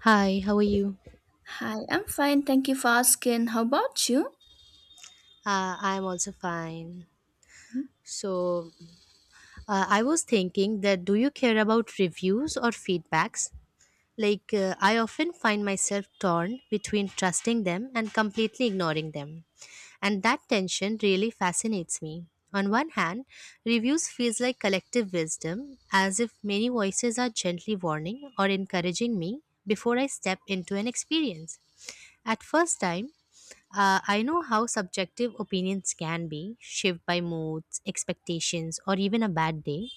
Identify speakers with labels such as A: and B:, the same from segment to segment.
A: Hi, how are you?
B: Hi, I'm fine. Thank you for asking. How about you?
A: I'm also fine. So, I was thinking, that do you care about reviews or feedbacks? Like, I often find myself torn between trusting them and completely ignoring them. And that tension really fascinates me. On one hand, reviews feels like collective wisdom, as if many voices are gently warning or encouraging me before I step into an experience. At first time, I know how subjective opinions can be, shaped by moods, expectations, or even a bad day.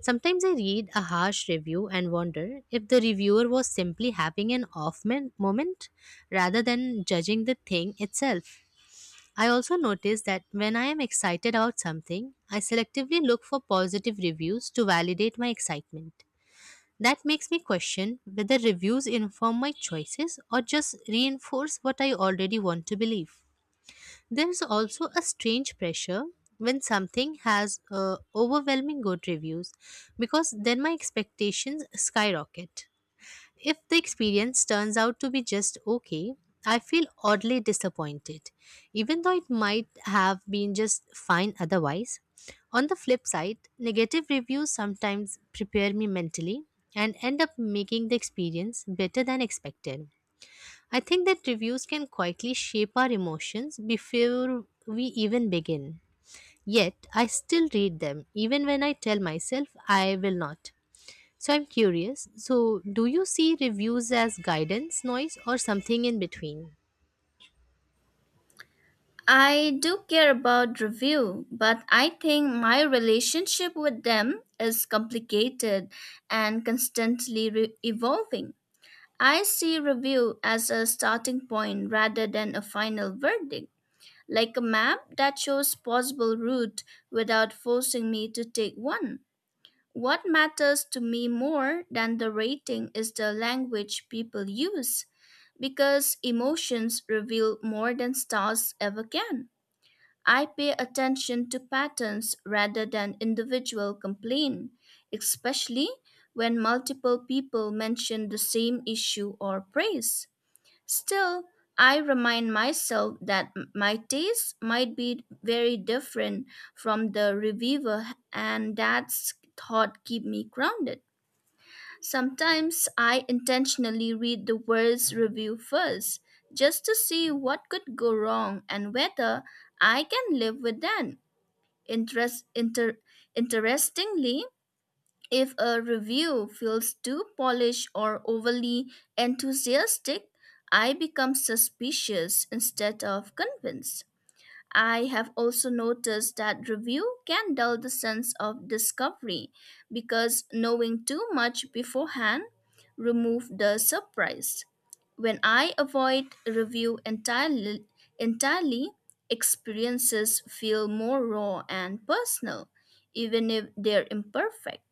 A: Sometimes I read a harsh review and wonder if the reviewer was simply having an moment rather than judging the thing itself. I also notice that when I am excited about something, I selectively look for positive reviews to validate my excitement. That makes me question whether reviews inform my choices or just reinforce what I already want to believe. There's also a strange pressure when something has overwhelming good reviews, because then my expectations skyrocket. If the experience turns out to be just okay, I feel oddly disappointed, even though it might have been just fine otherwise. On the flip side, negative reviews sometimes prepare me mentally and end up making the experience better than expected. I think that reviews can quietly shape our emotions before we even begin. Yet, I still read them, even when I tell myself I will not. So, I'm curious. So, do you see reviews as guidance, noise, or something in between?
B: I do care about review, but I think my relationship with them is complicated and constantly evolving. I see review as a starting point rather than a final verdict, like a map that shows possible route without forcing me to take one. What matters to me more than the rating is the language people use, because emotions reveal more than stars ever can. I pay attention to patterns rather than individual complaint, especially when multiple people mention the same issue or praise. Still, I remind myself that my taste might be very different from the reviewer and that thought keep me grounded. Sometimes I intentionally read the world's review first just to see what could go wrong and whether I can live with that. Interest, inter, Interestingly, if a review feels too polished or overly enthusiastic, I become suspicious instead of convinced. I have also noticed that review can dull the sense of discovery because knowing too much beforehand removes the surprise. When I avoid review entirely, experiences feel more raw and personal, even if they're imperfect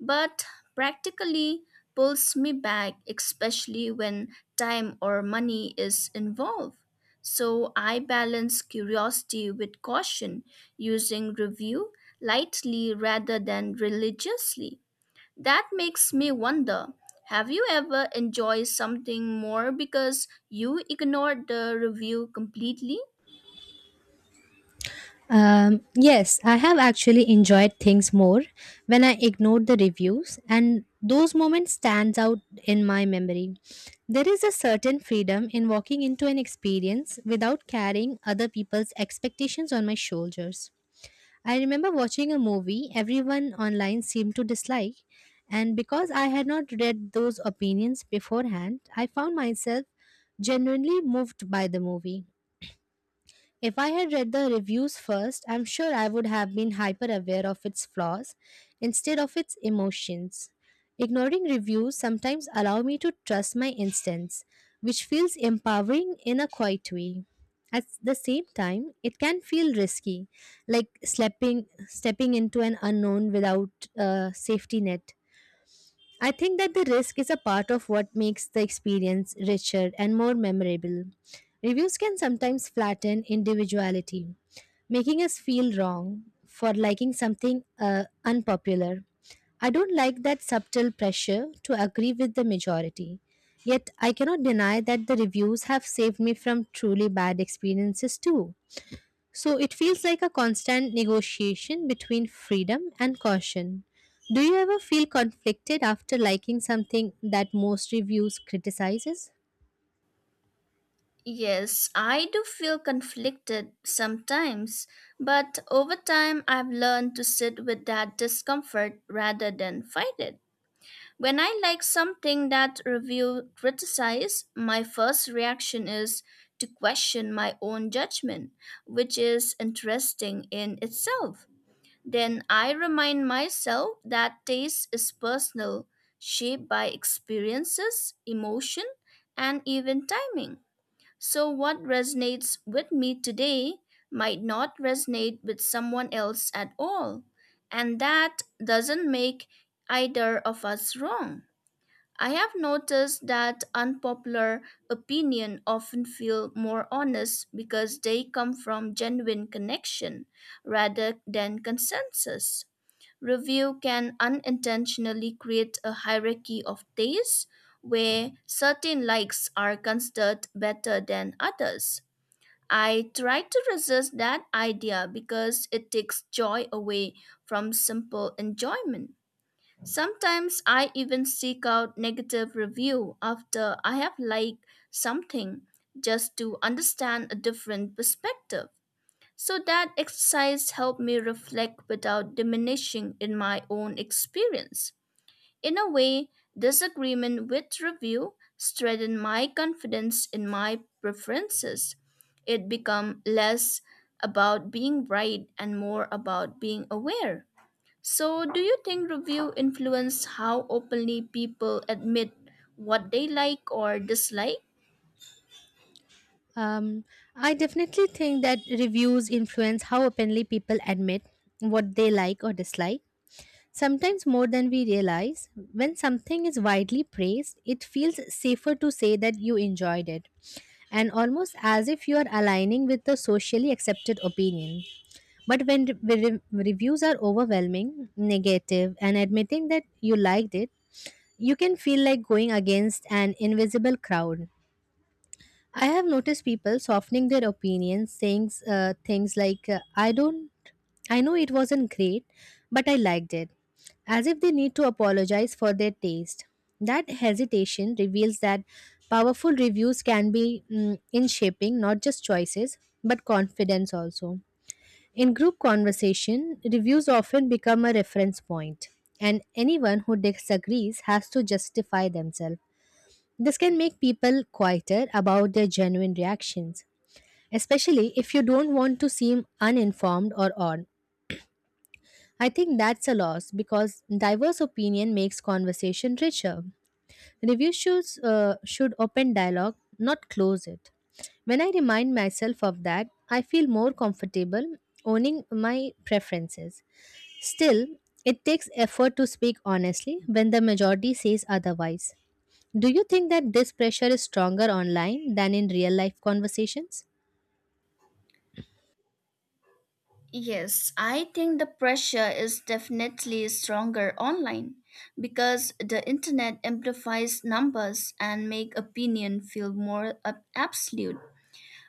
B: but practically pulls me back, especially when time or money is involved. So I balance curiosity with caution, using review lightly rather than religiously. That makes me wonder, have you ever enjoyed something more because you ignored the review completely?
A: Yes, I have actually enjoyed things more when I ignored the reviews, and those moments stands out in my memory. There is a certain freedom in walking into an experience without carrying other people's expectations on my shoulders. I remember watching a movie everyone online seemed to dislike, and because I had not read those opinions beforehand, I found myself genuinely moved by the movie. If I had read the reviews first, I'm sure I would have been hyper aware of its flaws instead of its emotions. Ignoring reviews sometimes allow me to trust my instincts, which feels empowering in a quiet way. At the same time, it can feel risky, like stepping into an unknown without a safety net. I think that the risk is a part of what makes the experience richer and more memorable. Reviews can sometimes flatten individuality, making us feel wrong for liking something unpopular. I don't like that subtle pressure to agree with the majority. Yet, I cannot deny that the reviews have saved me from truly bad experiences too. So it feels like a constant negotiation between freedom and caution. Do you ever feel conflicted after liking something that most reviews criticizes?
B: Yes, I do feel conflicted sometimes, but over time I've learned to sit with that discomfort rather than fight it. When I like something that review criticize, my first reaction is to question my own judgment, which is interesting in itself. Then I remind myself that taste is personal, shaped by experiences, emotion, and even timing. So, what resonates with me today might not resonate with someone else at all. And that doesn't make either of us wrong. I have noticed that unpopular opinion often feel more honest because they come from genuine connection rather than consensus. Review can unintentionally create a hierarchy of taste where certain likes are considered better than others. I try to resist that idea because it takes joy away from simple enjoyment. Sometimes I even seek out negative review after I have liked something just to understand a different perspective. So that exercise helped me reflect without diminishing in my own experience. In a way, disagreement with review strengthened my confidence in my preferences. It became less about being right and more about being aware. So, do you think review influence how openly people admit what they like or dislike?
A: Um, I definitely think that reviews influence how openly people admit what they like or dislike. Sometimes more than we realize, when something is widely praised, it feels safer to say that you enjoyed it, and almost as if you are aligning with the socially accepted opinion. But when reviews are overwhelming, negative, and admitting that you liked it, you can feel like going against an invisible crowd. I have noticed people softening their opinions, saying things like, I know it wasn't great, but I liked it, as if they need to apologize for their taste. That hesitation reveals that powerful reviews can be in shaping not just choices, but confidence also. In group conversation, reviews often become a reference point, and anyone who disagrees has to justify themselves. This can make people quieter about their genuine reactions, especially if you don't want to seem uninformed or odd. I think that's a loss because diverse opinion makes conversation richer. Reviews should open dialogue, not close it. When I remind myself of that, I feel more comfortable owning my preferences. Still, it takes effort to speak honestly when the majority says otherwise. Do you think that this pressure is stronger online than in real life conversations?
B: Yes, I think the pressure is definitely stronger online because the internet amplifies numbers and make opinion feel more absolute.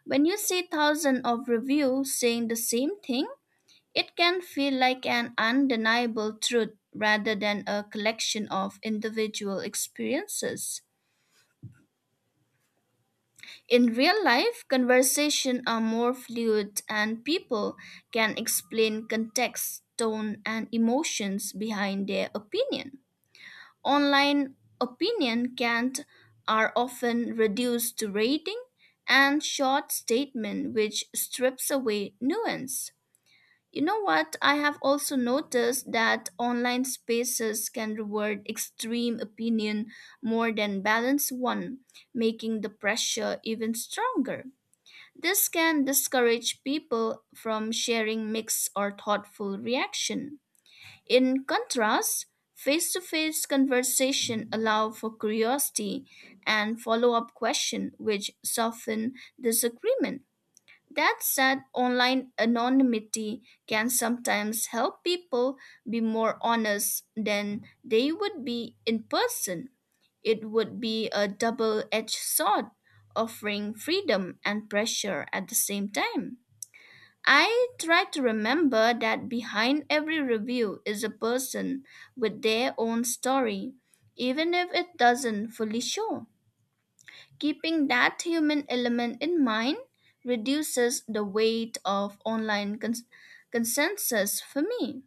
B: When you see thousands of reviews saying the same thing, it can feel like an undeniable truth rather than a collection of individual experiences. In real life, conversation are more fluid and people can explain context, tone, and emotions behind their opinion. Online opinion can't are often reduced to rating and short statement which strips away nuance. You know what? I have also noticed that online spaces can reward extreme opinion more than balanced one, making the pressure even stronger. This can discourage people from sharing mixed or thoughtful reaction. In contrast, face-to-face conversation allow for curiosity and follow-up question which soften disagreement. That said, online anonymity can sometimes help people be more honest than they would be in person. It would be a double edged sword, offering freedom and pressure at the same time. I try to remember that behind every review is a person with their own story, even if it doesn't fully show. Keeping that human element in mind reduces the weight of online consensus for me.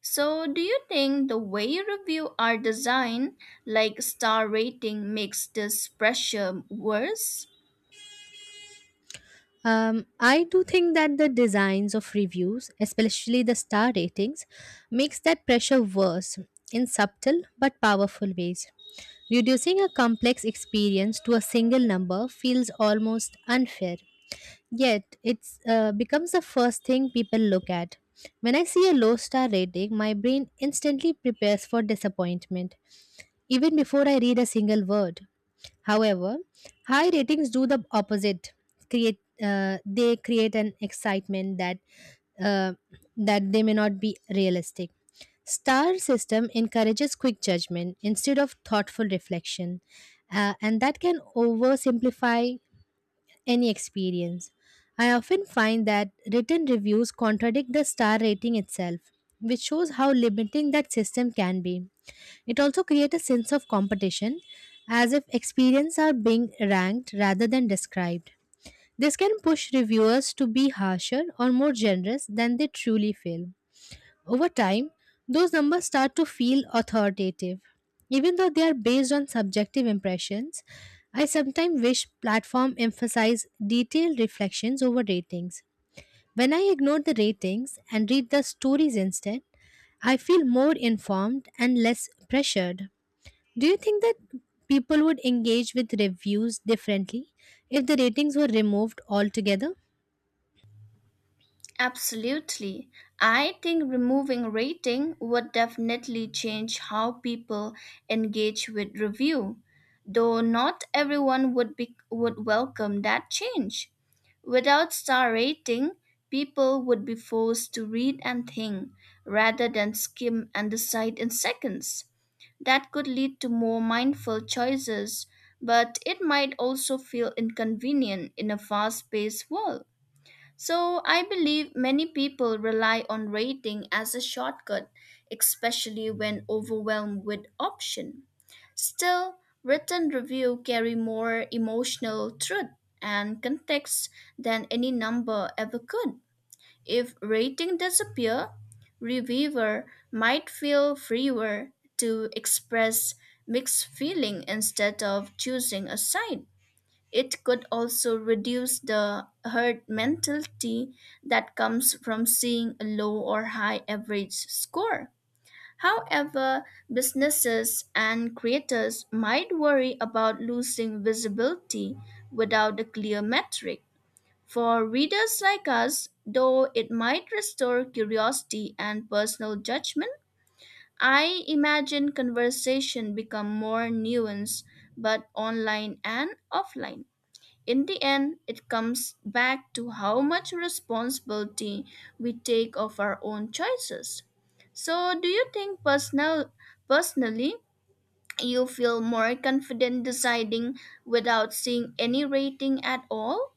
B: So, do you think the way review are designed, like star rating, makes this pressure worse?
A: I do think that the designs of reviews, especially the star ratings, makes that pressure worse in subtle but powerful ways. Reducing a complex experience to a single number feels almost unfair. Yet, it's becomes the first thing people look at. When I see a low star rating, my brain instantly prepares for disappointment, even before I read a single word. However, high ratings do the opposite. Create they create an excitement that uh, they may not be realistic. Star system encourages quick judgment instead of thoughtful reflection, and that can oversimplify any experience. I often find that written reviews contradict the star rating itself, which shows how limiting that system can be. It also creates a sense of competition, as if experience are being ranked rather than described. This can push reviewers to be harsher or more generous than they truly feel. Over time, those numbers start to feel authoritative. Even though they are based on subjective impressions, I sometimes wish platforms emphasize detailed reflections over ratings. When I ignore the ratings and read the stories instead, I feel more informed and less pressured. Do you think that people would engage with reviews differently if the ratings were removed altogether?
B: Absolutely. I think removing rating would definitely change how people engage with review, though not everyone would be would welcome that change. Without star rating, people would be forced to read and think rather than skim and decide in seconds. That could lead to more mindful choices, but it might also feel inconvenient in a fast paced world. So I believe many people rely on rating as a shortcut, especially when overwhelmed with option. Still, written review carry more emotional truth and context than any number ever could. If rating disappear, reviewer might feel freer to express mixed feeling instead of choosing a side. It could also reduce the herd mentality that comes from seeing a low or high average score. However, businesses and creators might worry about losing visibility without a clear metric. For readers like us, though it might restore curiosity and personal judgment, I imagine conversation become more nuanced, but online and offline. In the end, it comes back to how much responsibility we take of our own choices. So, do you think personally you feel more confident deciding without seeing any rating at all?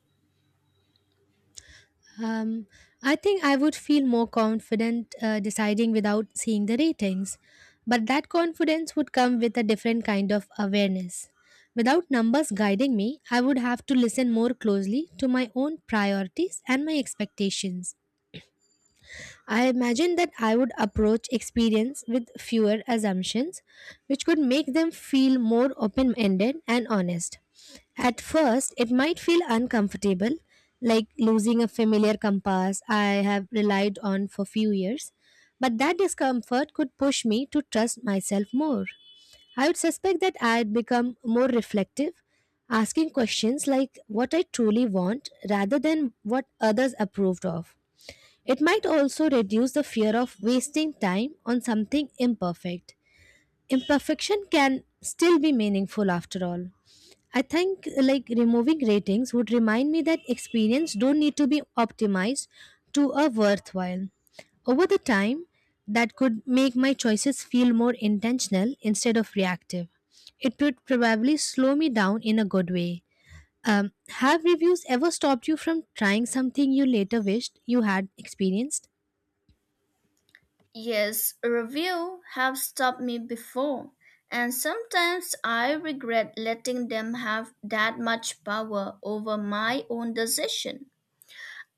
A: Um, I think I would feel more confident deciding without seeing the ratings. But that confidence would come with a different kind of awareness. Without numbers guiding me, I would have to listen more closely to my own priorities and my expectations. I imagine that I would approach experience with fewer assumptions, which could make them feel more open ended and honest. At first, it might feel uncomfortable, like losing a familiar compass I have relied on for few years, but that discomfort could push me to trust myself more. I would suspect that I'd become more reflective, asking questions like what I truly want rather than what others approved of. It might also reduce the fear of wasting time on something imperfect. Imperfection can still be meaningful after all. I think like removing ratings would remind me that experience don't need to be optimized to a worthwhile. Over the time, that could make my choices feel more intentional instead of reactive. It would probably slow me down in a good way. Have reviews ever stopped you from trying something you later wished you had experienced?
B: Yes, review have stopped me before, and sometimes I regret letting them have that much power over my own decision.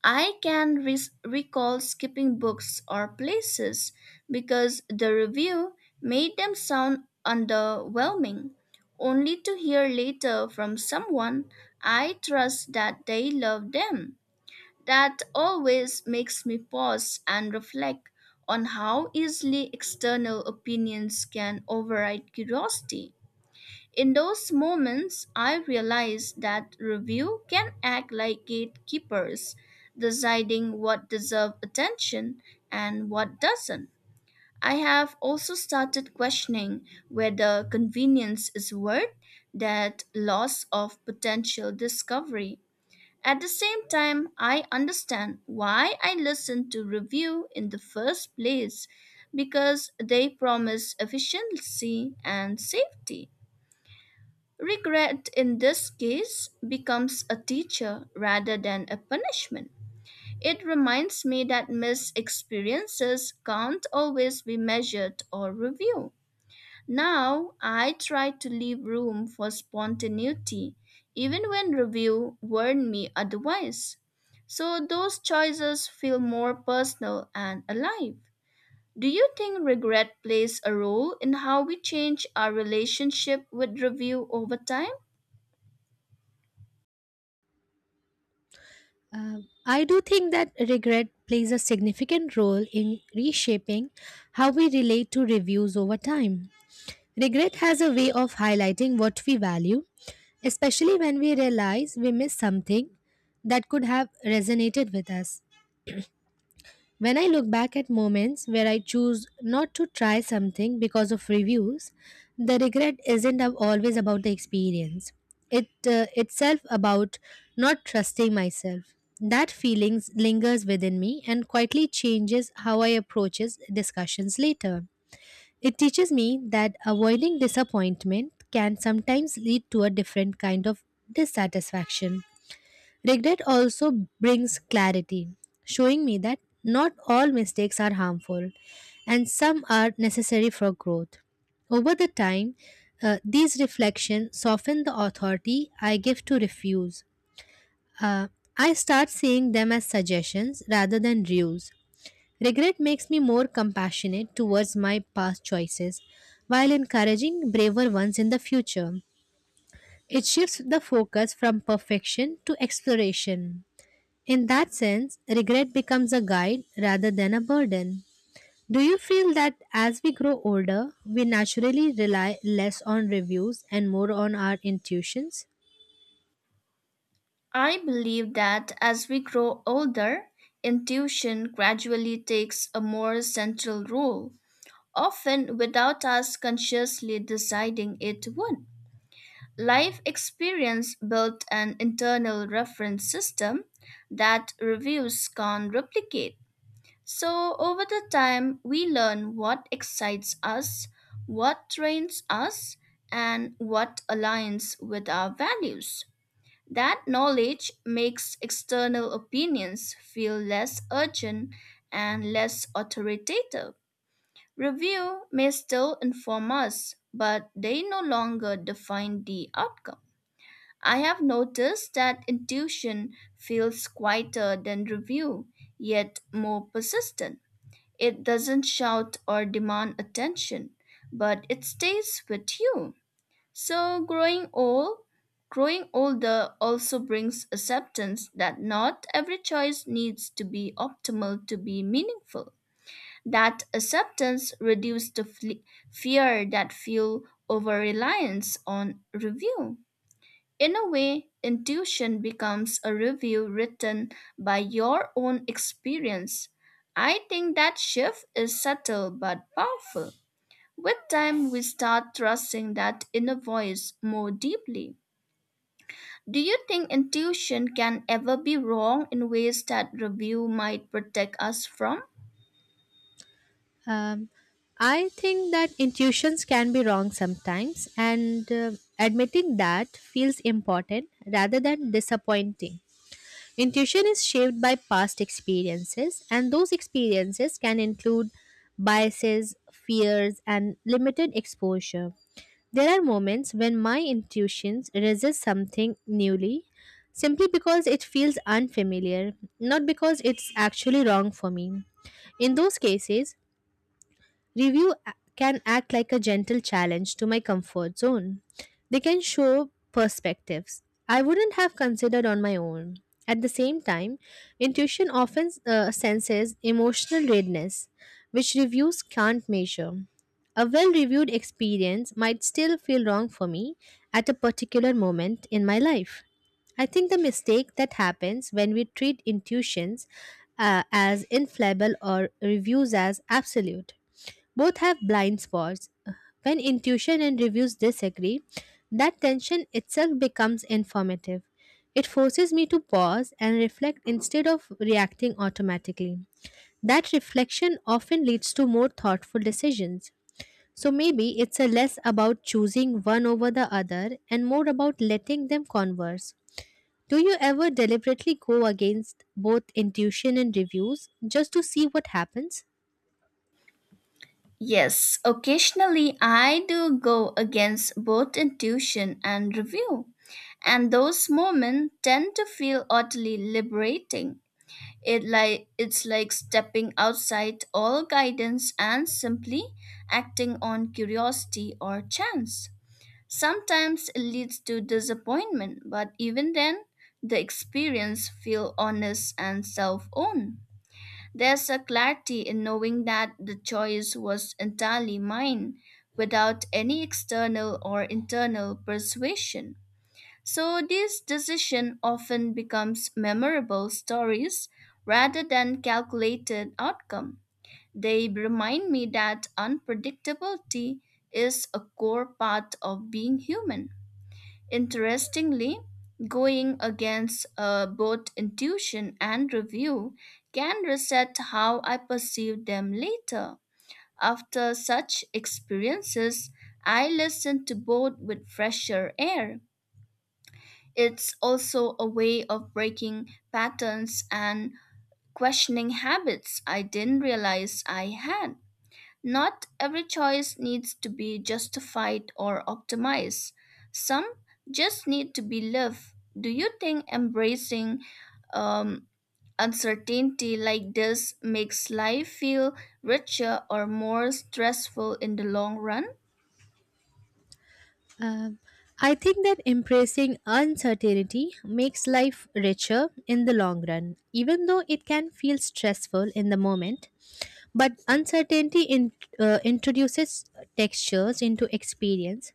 B: I can recall skipping books or places because the review made them sound underwhelming, only to hear later from someone I trust that they love them. That always makes me pause and reflect on how easily external opinions can override curiosity. In those moments, I realized that review can act like gatekeepers, deciding what deserves attention and what doesn't. I have also started questioning whether convenience is worth that loss of potential discovery. At the same time, I understand why I listened to review in the first place because they promise efficiency and safety. Regret in this case becomes a teacher rather than a punishment. It reminds me that missed experiences can't always be measured or reviewed. Now I try to leave room for spontaneity, even when review warned me otherwise. So those choices feel more personal and alive. Do you think regret plays a role in how we change our relationship with review over time?
A: I do think that regret plays a significant role in reshaping how we relate to reviews over time. Regret has a way of highlighting what we value, especially when we realize we missed something that could have resonated with us. When I look back at moments where I choose not to try something because of reviews, the regret isn't ab- always about the experience. It itself about not trusting myself. That feelings lingers within me and quietly changes how I approaches discussions later. It teaches me that avoiding disappointment can sometimes lead to a different kind of dissatisfaction. Regret also brings clarity, showing me that not all mistakes are harmful and some are necessary for growth. Over the time, these reflections soften the authority I give to refuse. Uh, I start seeing them as suggestions rather than rules. Regret makes me more compassionate towards my past choices while encouraging braver ones in the future. It shifts the focus from perfection to exploration. In that sense, regret becomes a guide rather than a burden. Do you feel that as we grow older, we naturally rely less on reviews and more on our intuitions?
B: I believe that as we grow older, intuition gradually takes a more central role, often without us consciously deciding it would. Life experience built an internal reference system that reviews can't replicate. So, over the time, we learn what excites us, what trains us, and what aligns with our values. That knowledge makes external opinions feel less urgent and less authoritative. Review may still inform us, but they no longer define the outcome. I have noticed that intuition feels quieter than review, yet more persistent. It doesn't shout or demand attention, but it stays with you. So growing older also brings acceptance that not every choice needs to be optimal to be meaningful. That acceptance reduces the fear that fuel over reliance on review. In a way, intuition becomes a review written by your own experience. I think that shift is subtle but powerful. With time, we start trusting that inner voice more deeply. Do you think intuition can ever be wrong in ways that review might protect us from?
A: Um, I think that intuitions can be wrong sometimes, and admitting that feels important rather than disappointing. Intuition is shaped by past experiences, and those experiences can include biases, fears, and limited exposure. There are moments when my intuitions resist something newly simply because it feels unfamiliar, not because it's actually wrong for me. In those cases, review can act like a gentle challenge to my comfort zone. They can show perspectives I wouldn't have considered on my own. At the same time, intuition often senses emotional readiness, which reviews can't measure. A well reviewed experience might still feel wrong for me at a particular moment in my life. I think the mistake that happens when we treat intuitions as infallible or reviews as absolute. Both have blind spots. When intuition and reviews disagree, that tension itself becomes informative. It forces me to pause and reflect instead of reacting automatically. That reflection often leads to more thoughtful decisions. So maybe it's a less about choosing one over the other and more about letting them converse. Do you ever deliberately go against both intuition and reviews just to see what happens?
B: Yes, occasionally I do go against both intuition and review, and those moments tend to feel oddly liberating. It's like stepping outside all guidance and simply acting on curiosity or chance. Sometimes it leads to disappointment, but even then, the experience feels honest and self-owned. There's a clarity in knowing that the choice was entirely mine without any external or internal persuasion. So these decisions often becomes memorable stories rather than calculated outcome. They remind me that unpredictability is a core part of being human. Interestingly, going against both intuition and review can reset how I perceive them later. After such experiences, I listen to both with fresher air. It's also a way of breaking patterns and questioning habits I didn't realize I had. Not every choice needs to be justified or optimized. Some just need to be lived. Do you think embracing um, uncertainty like this makes life feel richer or more stressful in the long run?
A: Um, I think that embracing uncertainty makes life richer in the long run, even though it can feel stressful in the moment. But uncertainty introduces textures into experience,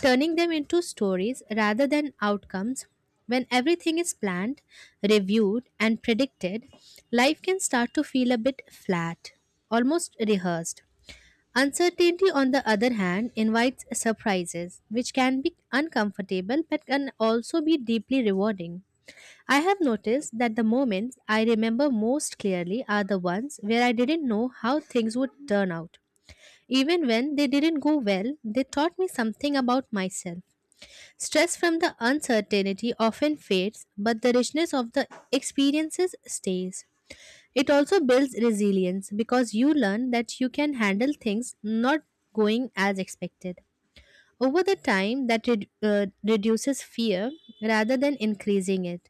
A: turning them into stories rather than outcomes. When everything is planned, reviewed, and predicted, life can start to feel a bit flat, almost rehearsed. Uncertainty, on the other hand, invites surprises, which can be uncomfortable but can also be deeply rewarding. I have noticed that the moments I remember most clearly are the ones where I didn't know how things would turn out. Even when they didn't go well, they taught me something about myself. Stress from the uncertainty often fades, but the richness of the experiences stays. It also builds resilience because you learn that you can handle things not going as expected. Over the time, that reduces fear rather than increasing it.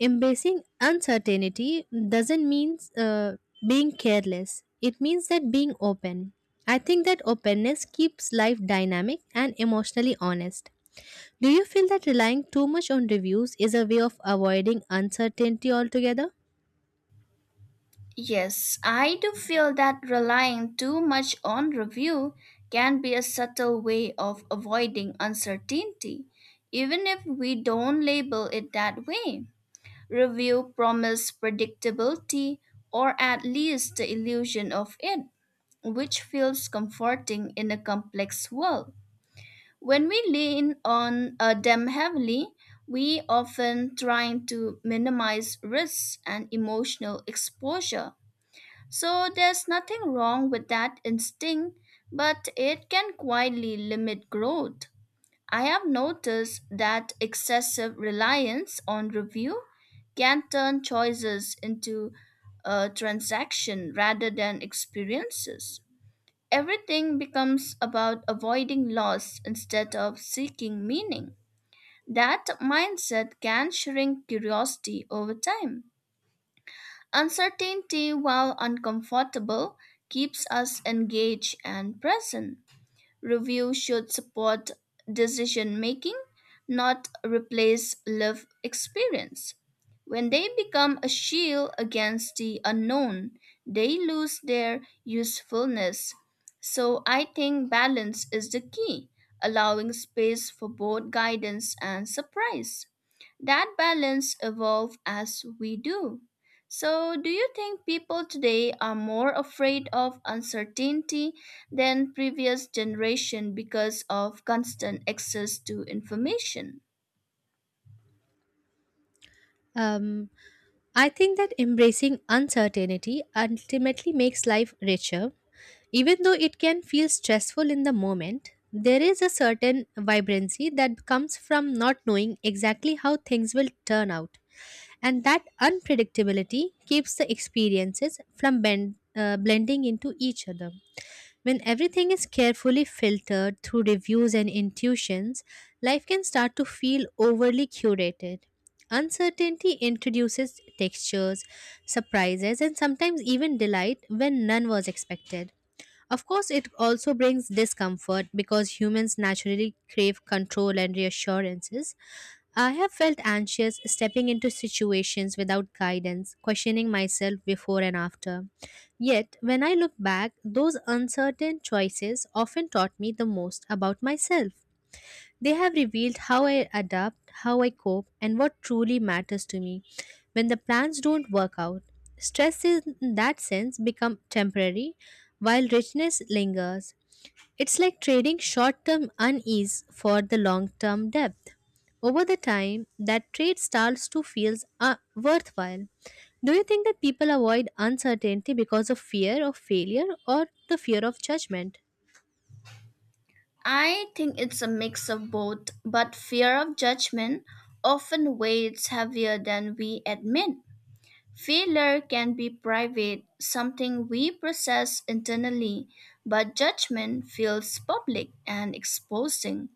A: Embracing uncertainty doesn't mean being careless, it means that being open. I think that openness keeps life dynamic and emotionally honest. Do you feel that relying too much on reviews is a way of avoiding uncertainty altogether?
B: Yes, I do feel that relying too much on review can be a subtle way of avoiding uncertainty, even if we don't label it that way. Review promise predictability or at least the illusion of it, which feels comforting in a complex world. When we lean on them heavily, we often trying to minimize risks and emotional exposure. So there's nothing wrong with that instinct, but it can quietly limit growth. I have noticed that excessive reliance on review can turn choices into a transaction rather than experiences. Everything becomes about avoiding loss instead of seeking meaning. That mindset can shrink curiosity over time. Uncertainty, while uncomfortable, keeps us engaged and present. Review should support decision making, not replace lived experience. When they become a shield against the unknown, they lose their usefulness. So I think balance is the key, allowing space for both guidance and surprise. That balance evolves as we do. So, do you think people today are more afraid of uncertainty than previous generation because of constant access to information?
A: Um, I think that embracing uncertainty ultimately makes life richer. Even though it can feel stressful in the moment, there is a certain vibrancy that comes from not knowing exactly how things will turn out. And that unpredictability keeps the experiences from blending into each other. When everything is carefully filtered through reviews and intuitions, life can start to feel overly curated. Uncertainty introduces textures, surprises, and sometimes even delight when none was expected. Of course, it also brings discomfort because humans naturally crave control and reassurances. I have felt anxious stepping into situations without guidance, questioning myself before and after. Yet, when I look back, those uncertain choices often taught me the most about myself. They have revealed how I adapt, how I cope, and what truly matters to me. When the plans don't work out, stress is in that sense become temporary while richness lingers. It's like trading short-term unease for the long-term depth. Over the time, that trade starts to feel worthwhile. Do you think that people avoid uncertainty because of fear of failure or the fear of judgment?
B: I think it's a mix of both, but fear of judgment often weighs heavier than we admit. Failure can be private, something we process internally, but judgment feels public and exposing.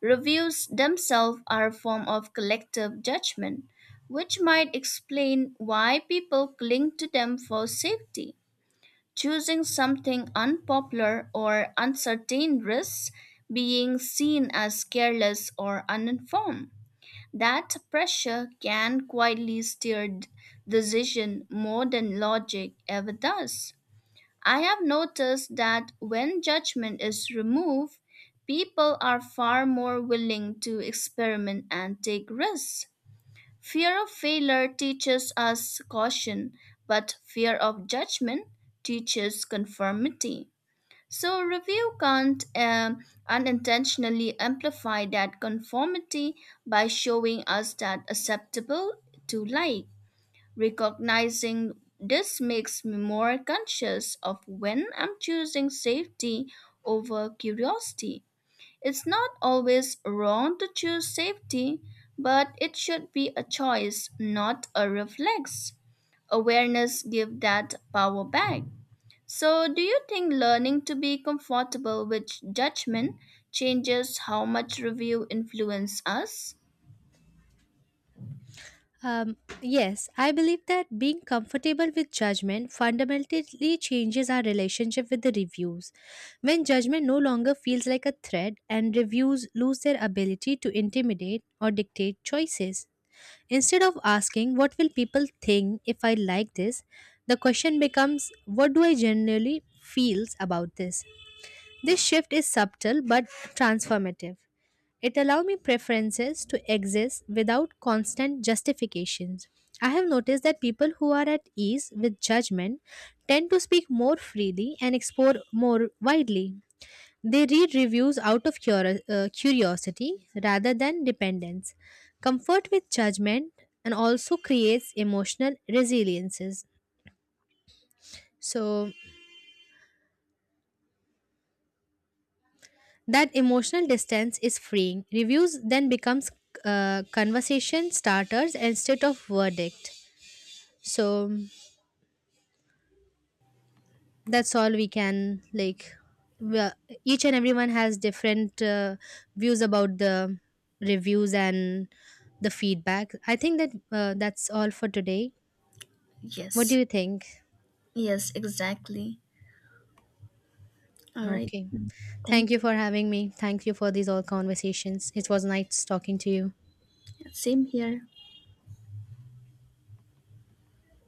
B: Reviews themselves are a form of collective judgment, which might explain why people cling to them for safety. Choosing something unpopular or uncertain risks being seen as careless or uninformed. That pressure can quietly steer decision more than logic ever does. I have noticed that when judgment is removed, people are far more willing to experiment and take risks. Fear of failure teaches us caution, but fear of judgment teaches conformity. So, review can't unintentionally amplify that conformity by showing us that acceptable to like. Recognizing this makes me more conscious of when I'm choosing safety over curiosity. It's not always wrong to choose safety, but it should be a choice, not a reflex. Awareness gives that power back. So, do you think learning to be comfortable with judgment changes how much review influence us?
A: Um, yes, I believe that being comfortable with judgment fundamentally changes our relationship with the reviews. When judgment no longer feels like a threat and reviews lose their ability to intimidate or dictate choices. Instead of asking, "What will people think if I like this?" the question becomes, "What do I generally feel about this?" This shift is subtle but transformative. It allows me preferences to exist without constant justifications. I have noticed that people who are at ease with judgment tend to speak more freely and explore more widely. They read reviews out of curiosity rather than dependence. Comfort with judgment and also creates emotional resiliences. So that emotional distance is freeing. Reviews then becomes conversation starters instead of verdict. So that's all. We can like, well, each and everyone has different views about the reviews and the feedback. I think that that's all for today. What do
B: Yes,
A: you think?
B: yes, exactly. All right,
A: Okay,
B: thank
A: thank you
B: you.
A: for having me. Thank you for these all conversations. It was nice talking to you.
B: Same here.